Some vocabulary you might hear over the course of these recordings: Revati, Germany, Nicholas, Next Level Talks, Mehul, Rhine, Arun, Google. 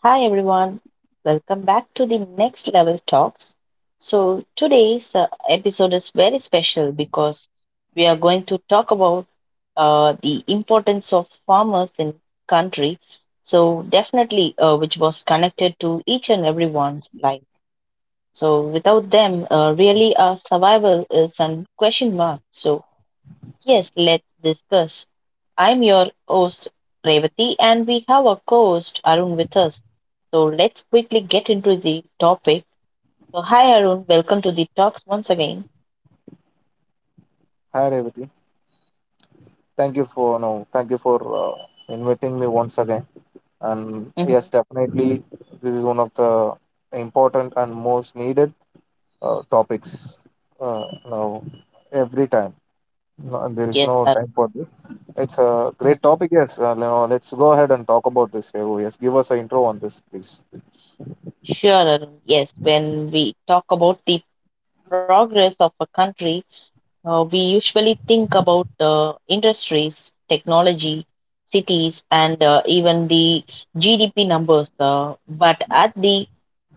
Hi everyone, welcome back to the Next Level Talks. Today's episode is very special because we are going to talk about the importance of farmers in country. So, definitely, which was connected to each and everyone's life. So, without them, really, our survival is an question mark. So yes, let's discuss. I'm your host, Revati, and we have our co host, Arun, with us. So let's quickly get into the topic. So, hi, Arun. Welcome to the talks once again. Hi Revati, thank you for no, thank you for inviting me once again. And Hmm. yes, definitely, this is one of the important and most needed topics. Uh, now, every time, no, there is Yes, no Arun. time for this. It's a Mhm. great topic. Yes, now let's go ahead and talk about this. Revo. Yes, give us an intro on this, please. Sure, Arun. Yes, when we talk about the progress of a country, we usually think about industries, technology, cities, and even the GDP numbers. Uh, but at the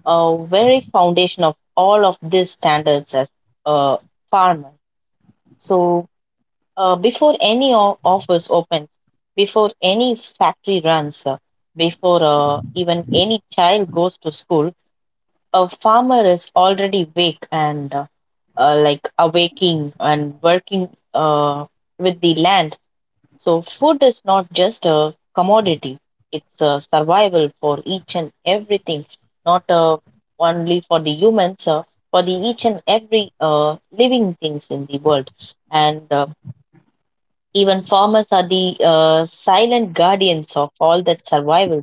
uh, very foundation of all of these standards as a farmer. So before any office opens, before any factory runs, before even any child goes to school, a farmer is already awake and like awaking and working with the land, so food is not just a commodity, it's a survival for each and everything, not only for the humans, for the each and every living things in the world. And even farmers are the silent guardians of all that survival.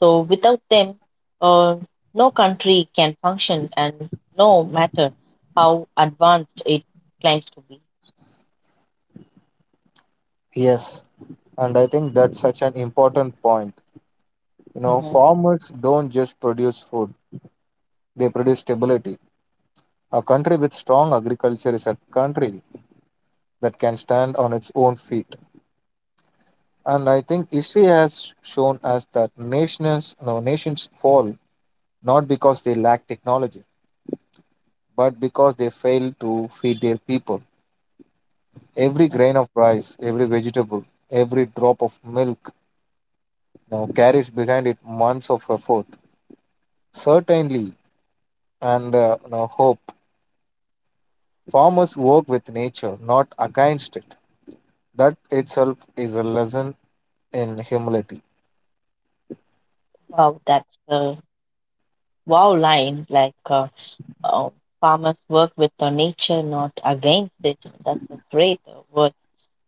So, without them, uh, no country can function, and no matter how advanced it claims to be. Yes, and I think that's such an important point. You know, Mhm. farmers don't just produce food; they produce stability. A country with strong agriculture is a country that can stand on its own feet. And I think history has shown us that nations fall not because they lack technology, but because they fail to feed their people. Every grain of rice, every vegetable, every drop of milk now carries behind it months of effort, certainly, and you know, hope. Farmers work with nature, not against it. That itself is a lesson in humility. Wow, that's uh, Wow, line like uh, farmers work with the nature, not against it. That's a great word.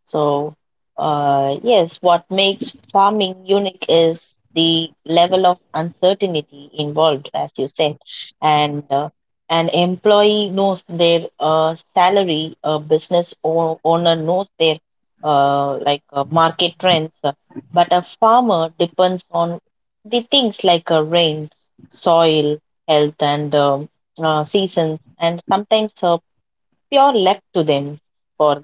So, yes, what makes farming unique is the level of uncertainty involved, as you said, and an employee knows their salary, a business owner knows their market trends, but a farmer depends on the things like rain, soil, health, and seasons, and sometimes pure luck to them. For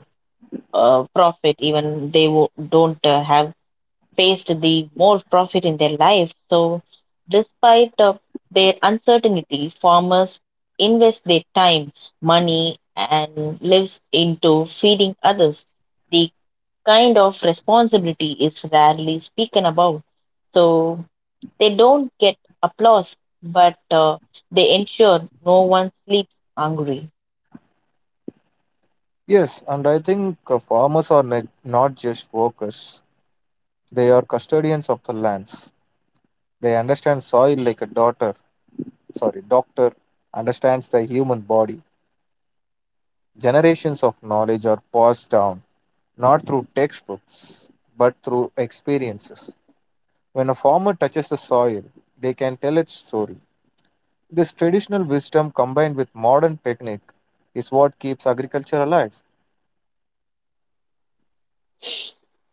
profit, even they don't have faced the more profit in their life. So despite of their uncertainty, farmers invest their time, money and lives into feeding others. The kind of responsibility is rarely spoken about, so they don't get applause, but they ensure no one sleeps hungry. Yes, and I think farmers are not just workers, they are custodians of the lands. They understand soil like a doctor understands the human body. Generations of knowledge are passed down, not through textbooks, but through experiences. When a farmer touches the soil, they can tell its story. This traditional wisdom combined with modern technique is what keeps agriculture alive.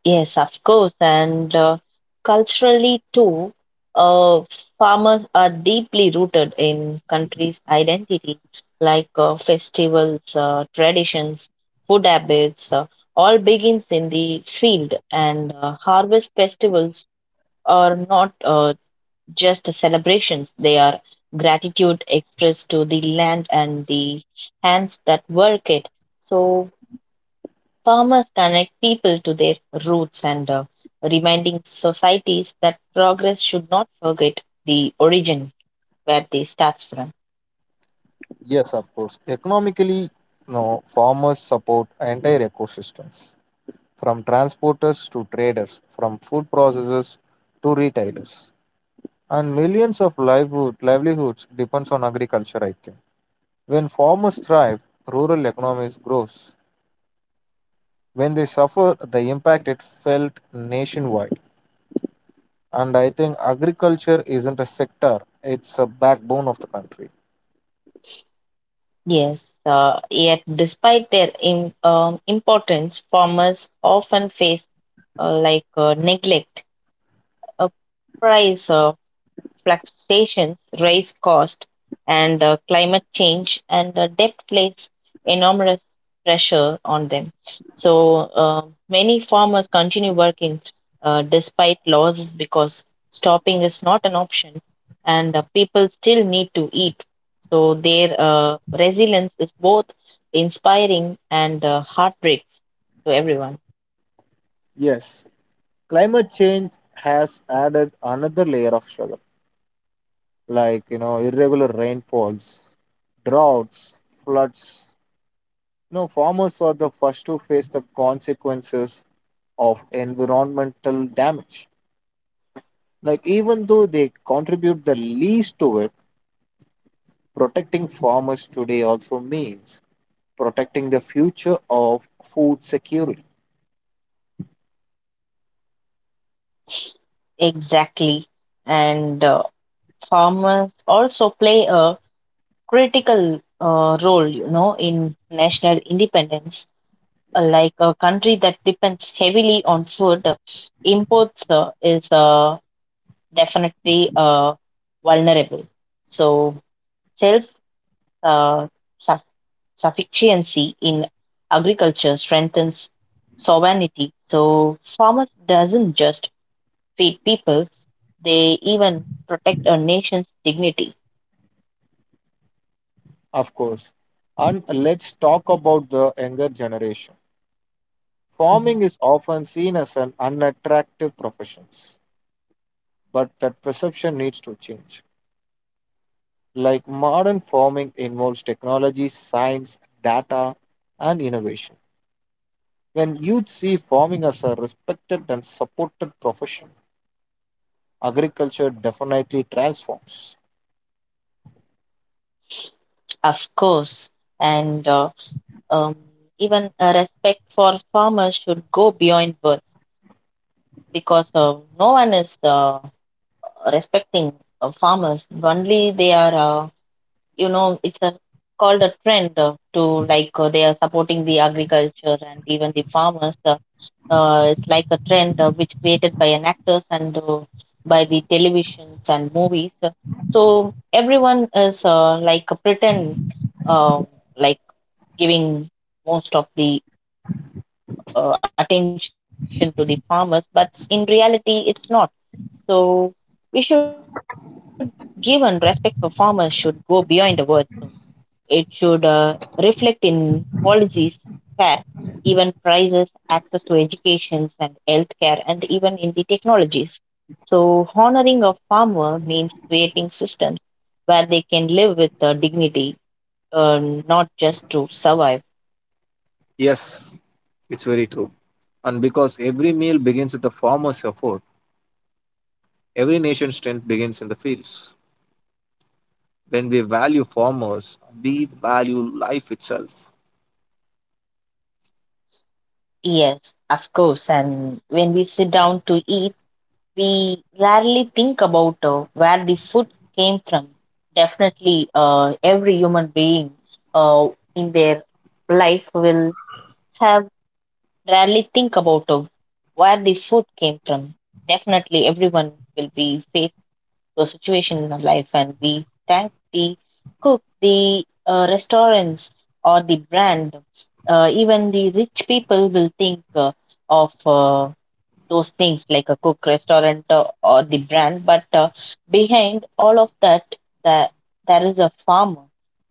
Yes, of course. And culturally, too, uh, farmers are deeply rooted in country's identity, like festivals, traditions, food habits, all begins in the field. And harvest festivals are not just celebrations, they are gratitude expressed to the land and the hands that work it. So farmers connect people to their roots and reminding societies that progress should not forget the origin where they starts from. Yes, of course. Economically, no, farmers support entire ecosystems from transporters to traders, from food processors to retailers. And millions of livelihoods depends on agriculture, I think. When farmers thrive, rural economies grows. When they suffer, the impact it felt nationwide. And I think agriculture isn't a sector, it's a backbone of the country. Yes, yet despite their importance, farmers often face neglect, uh, price fluctuations, raise cost, and climate change and debt place enormous pressure on them. So many farmers continue working despite losses because stopping is not an option, and people still need to eat. So their resilience is both inspiring and heartbreak to everyone. Yes, climate change has added another layer of struggle, like you know irregular rainfalls, droughts, floods. You know, farmers are the first to face the consequences of environmental damage. Like even though they contribute the least to it, protecting farmers today also means protecting the future of food security, Exactly, and farmers also play a critical role, you know, in national independence. Like a country that depends heavily on food, imports is definitely vulnerable. So, self, uh, suff- sufficiency in agriculture strengthens sovereignty. So, farmers doesn't just feed people; they even protect a nation's dignity. of course. And let's talk about the younger generation. Mhm. Farming is often seen as an unattractive profession, but that perception needs to change. Like modern farming involves technology, science, data, and innovation. When youth see farming as a respected and supported profession, agriculture definitely transforms. Of course, and Um, even respect for farmers should go beyond words because no one is respecting farmers. Only they are, uh, you know, it's a called a trend to like they are supporting the agriculture and even the farmers. It's like a trend which created by an actors and by the televisions and movies. So everyone is like a pretend, uh, like giving most of the attention to the farmers, but in reality, it's not. So we should give and respect for farmers should go beyond the words. So it should reflect in policies, fair, even prices, access to educations and healthcare, and even in the technologies. So honoring a farmer means creating systems where they can live with dignity, not just to survive. Yes, it's very true. And because every meal begins with the farmer's effort, every nation's strength begins in the fields. When we value farmers, we value life itself. Yes, of course. And when we sit down to eat, we rarely think about where the food came from. Definitely, every human being uh, in their life will have rarely think about where the food came from. Definitely, everyone will be faced those situation in their life, and we thank the cook, the restaurants, or the brand. Even the rich people will think of. Those things like a cook restaurant or the brand, but behind all of that there is a farmer.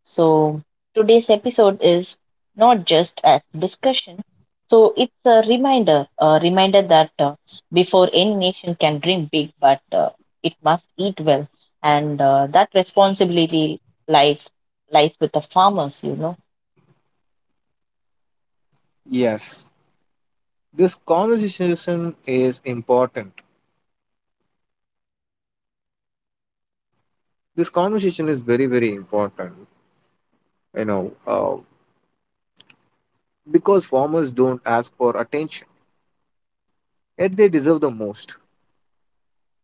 So today's episode is not just as discussion, so it's a reminder, a reminder that before any nation can dream big, but it must eat well, and that responsibility, life, lies with the farmers, you know. Yes, this conversation is important. This conversation is very, very important. You know, because farmers don't ask for attention, yet they deserve the most.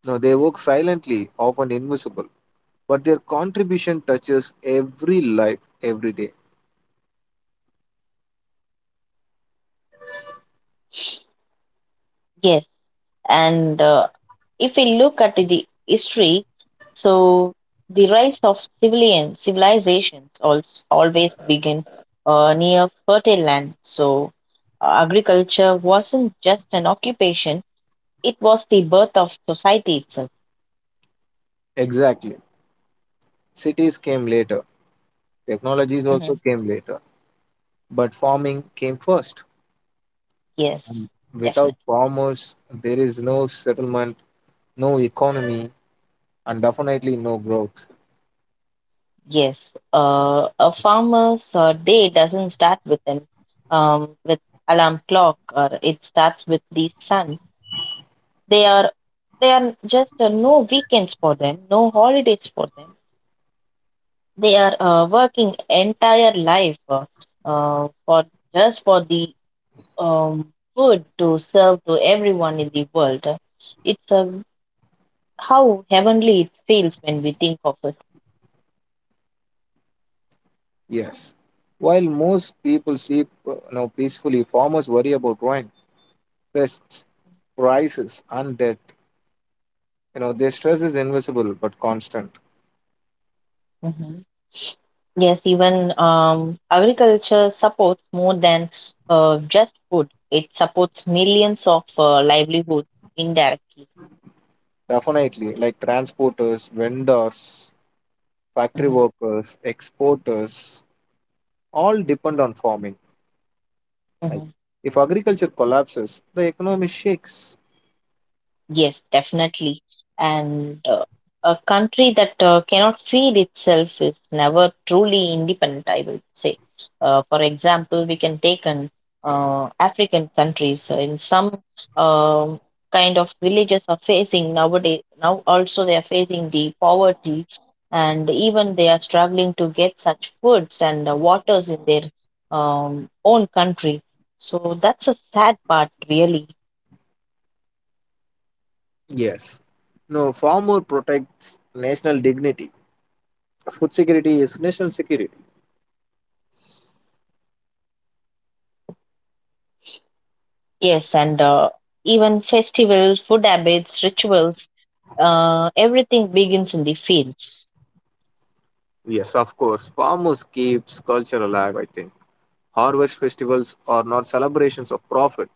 Now, they work silently, often invisible, but their contribution touches every life every day. Yes, and if we look at the history, so the rise of civilian civilizations also always begin near fertile land. So agriculture wasn't just an occupation; it was the birth of society itself. Exactly. Cities came later, technologies Hmm. also came later, but farming came first. Yes, And definitely. without farmers, there is no settlement, no economy, and definitely no growth. Yes, a farmer's day doesn't start with an with alarm clock, or it starts with the sun. They are, they are just no weekends for them, no holidays for them. They are working entire life for just for the food to serve to everyone in the world. It's how heavenly it feels when we think of it. Yes. While most people sleep you know, peacefully, farmers worry about rain, pests, prices, undead. You know, their stress is invisible but constant. Mhm. Yes, even agriculture supports more than just food. It supports millions of livelihoods indirectly. Definitely, like transporters, vendors, factory Mhm. workers, exporters, all depend on farming. Like, Mhm. if agriculture collapses, the economy shakes. Yes, definitely. And a country that cannot feed itself is never truly independent, I would say. For example, we can take an African countries in some um kind of villages are facing nowadays. Now also they are facing the poverty, and even they are struggling to get such foods and waters in their own country. So that's a sad part, really. Yes. No, farmer protects national dignity. Food security is national security. Yes, and even festivals, food habits, rituals, everything begins in the fields. Yes, of course. Farmers keeps culture alive, I think. Harvest festivals are not celebrations of profit,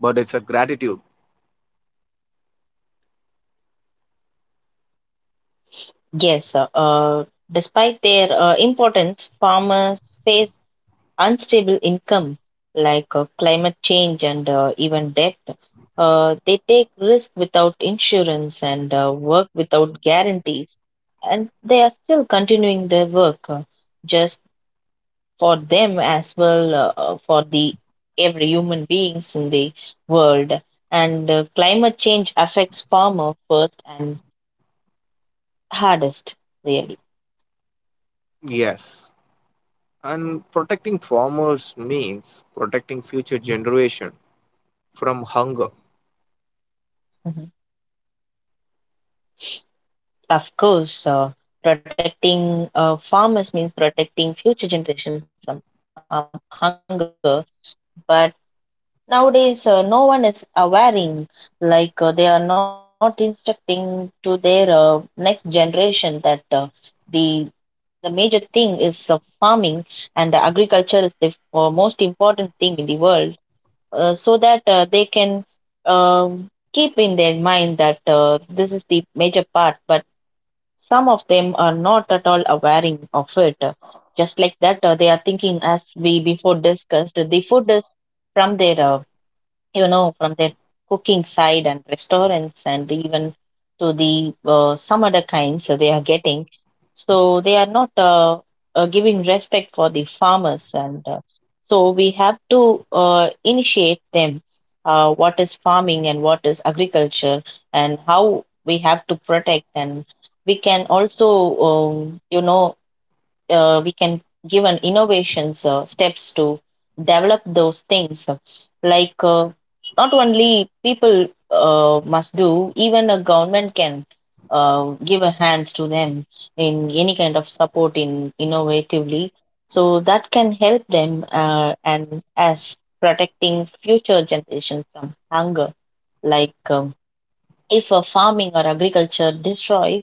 but it's a gratitude. Yes, despite their importance, farmers face unstable income like climate change and even debt. They take risk without insurance and work without guarantees, and they are still continuing their work. Uh, just for them as well, for the every human beings in the world. And climate change affects farmer first and hardest, really. Yes. And protecting farmers means protecting future generation from hunger. Mhm. Of course, protecting farmers means protecting future generation from hunger, but nowadays no one is awareing, like they are not instructing to their next generation that the the major thing is farming, and the agriculture is the most important thing in the world, so that they can keep in their mind that this is the major part, but some of them are not at all aware of it. Just like that, they are thinking as we before discussed, the food is from their you know, from their cooking side and restaurants and even to the some other kinds that they are getting. So they are not giving respect for the farmers, and so we have to initiate them. What is farming and what is agriculture, and how we have to protect, and we can also, you know, we can give an innovations steps to develop those things, like not only people must do, even a government can give a hands to them in any kind of support in innovatively, so that can help them and as protecting future generation from hunger, like if a farming or agriculture destroys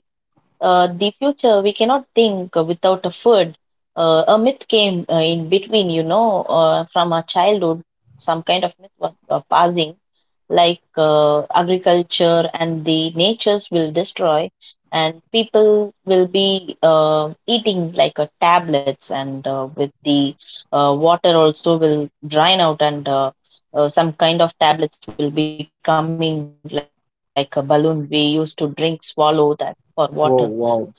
the future, we cannot think without a food. Uh, a myth came in between, you know, from our childhood. Some kind of myth was passing, like agriculture and the natures will destroy, and people will be eating like tablets and with the water also will drain out and some kind of tablets will be coming like a balloon we used to drink, swallow that for water. So Oh, wow.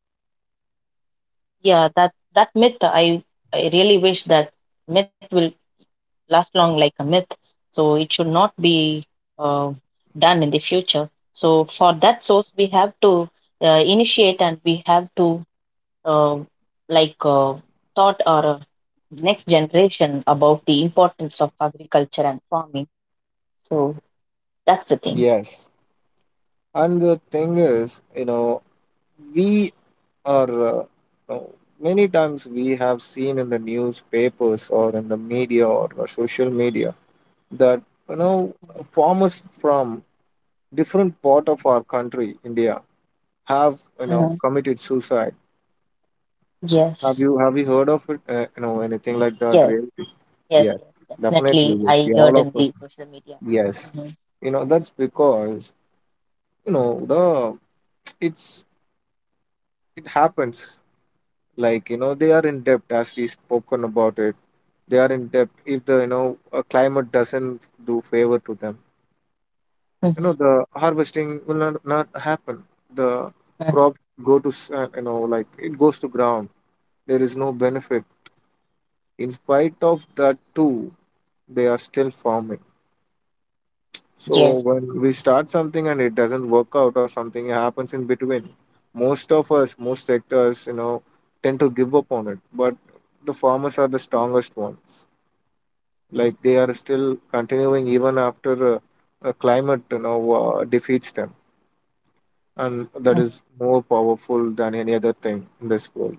yeah, that myth, I really wish that myth will last long like a myth. So it should not be uh, done in the future. So for that source, we have to initiate, and we have to uh, like uh, taught our next generation about the importance of agriculture and farming. So that's the thing. Yes. And the thing is, you know, we are, uh, uh, many times we have seen in the newspapers or in the media or the social media that, you know, farmers from different part of our country, India, have, you know, Mm. committed suicide. Have you Yes, have you heard of it? You know anything like that? yes, Really? yes, Yes, yes. definitely. Definitely, Yes. I Yeah, all heard of in the us. social media. Yes, Mm-hmm. you know that's because you know the it's it happens. Like you know they are in debt as we spoken about it. They are in debt if the you know a climate doesn't do favor to them. You know Mm-hmm. the harvesting will not happen. The Mm-hmm. crops go to you know like it goes to ground. There is no benefit in spite of that too, they are still forming. So Yes, when we start something and it doesn't work out or something happens in between, most of us, most sectors, you know, tend to give up on it, but the farmers are the strongest ones, like they are still continuing even after a climate you know defeats them, and that is mhm. more powerful than any other thing in this world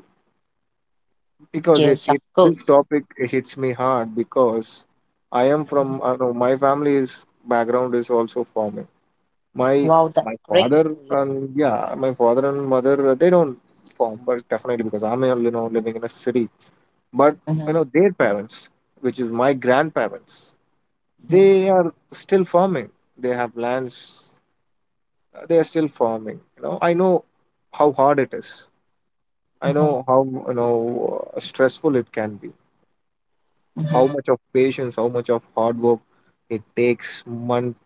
because it, Yes, it of this course. topic hits me hard because I am from, Mhm. I know my family's background is also farming. My Wow, my that's great father to hear. and yeah, my father and mother they don't farm, but definitely because I'm you know living in a city. But you know Mhm, their parents, which is my grandparents, mhm, they are still farming. They have lands. They are still farming. You know I know how hard it is. I mhm, know how you know stressful it can be, how mhm. much of patience, how much of hard work it takes month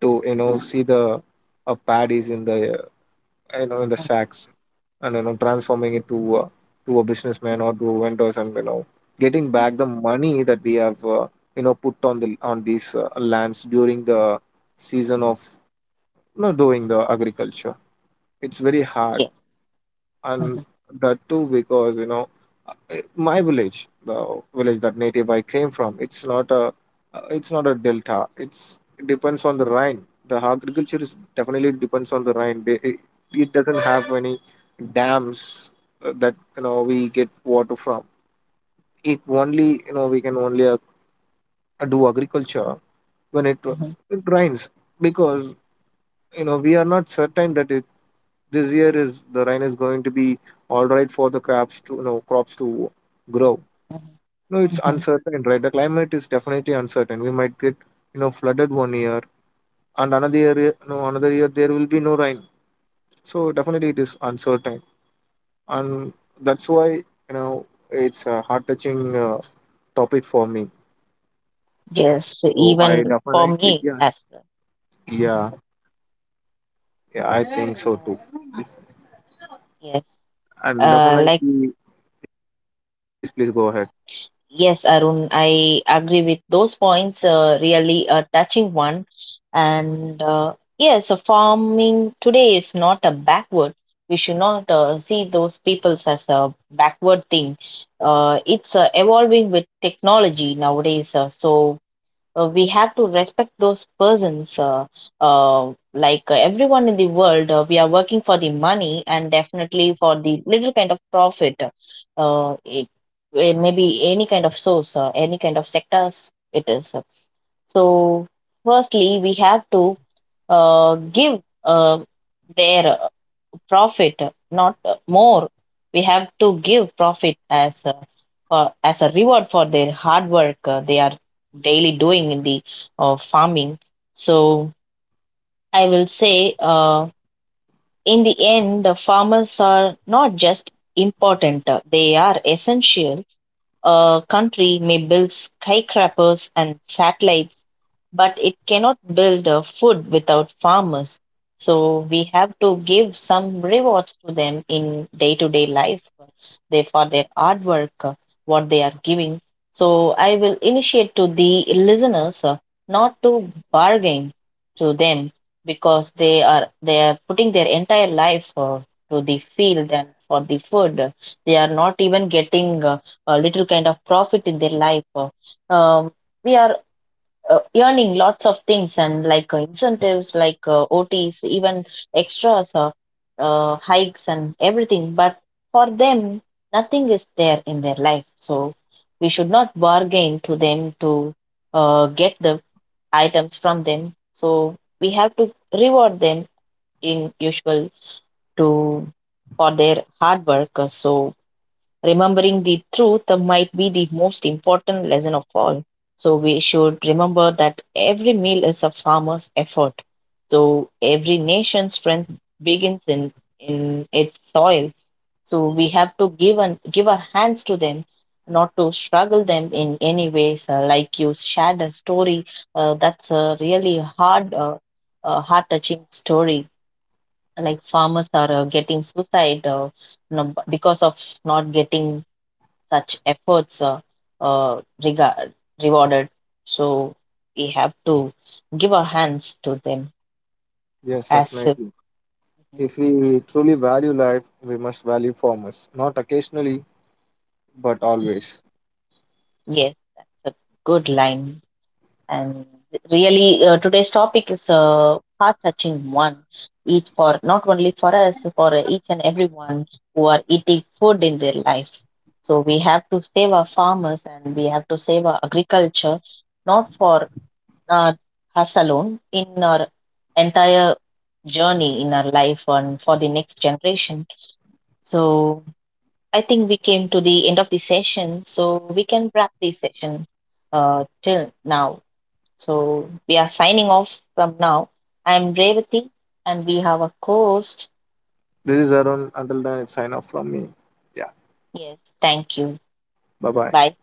to you know see the paddies in the you know in the sacks, and you know transforming it to a businessman or to vendors, and you know getting back the money that we have you know put on the on these lands during the season of you know doing the agriculture, it's very hard. Yes, And mhm, that too because you know my village, the village that native I came from, it's not a delta. It's, it depends on the Rhine. The agriculture is definitely depends on the Rhine. It doesn't have any dams that you know we get water from. It only you know we can only do agriculture when mhm, it rains because you know we are not certain that it this year is the rain is going to be all right for the crops to you know crops to grow. mhm, No, it's mhm. uncertain, right? The climate is definitely uncertain. We might get, you know, flooded one year, and another year there will be no rain. So definitely it is uncertain, and that's why you know it's a heart-touching topic for me. Yes, So I even for definitely, me as well. Mhm. yeah, yeah, I think so Uh, too. yes, And definitely, like. Please go ahead. Yes, Arun, I agree with those points. Really a touching one. And yes, farming today is not a backward. We should not see those peoples as a backward thing. It's evolving with technology nowadays. So we have to respect those persons like everyone in the world, we are working for the money and definitely for the little kind of profit. Uh, it, it may be any kind of source, any kind of sectors it is. So firstly we have to give their profit, not more. We have to give profit as a reward for their hard work they are daily doing in the farming. So I will say, in the end, the farmers are not just important; they are essential. A country may build skyscrapers and satellites, but it cannot build food without farmers. So we have to give some rewards to them in day to day life, for their hard work, what they are giving. So I will initiate to the listeners not to bargain to them because they are putting their entire life to the field and for the food. They are not even getting a little kind of profit in their life. Um, we are earning lots of things and like incentives like OTs, even extras or hikes and everything. But for them, nothing is there in their life. So we should not bargain to them to get the items from them. So we have to reward them in usual to for their hard work. So remembering the truth might be the most important lesson of all. So we should remember that every meal is a farmer's effort. So every nation's strength begins in its soil. So we have to give and give our hands to them, not to struggle them in any ways. Like you shared a story, that's a really hard, heart-touching story. Like farmers are getting suicide, you know, because of not getting such efforts, uh, regard, rewarded. So we have to give our hands to them Yes, as if, definitely. If we truly value life, we must value farmers, not occasionally, but always. yes, that's a good line. And really, today's topic is a heart-touching one. Each for not only for us, for each and everyone who are eating food in their life. So we have to save our farmers, and we have to save our agriculture, not for, not us alone, in our entire journey in our life and for the next generation. So I think we came to the end of the session, so we can wrap the session till now. So we are signing off from now. I am Revati, and we have a host. This is Arun. Until then, it's sign off from me. Yeah, Yes, thank you. bye bye. Bye.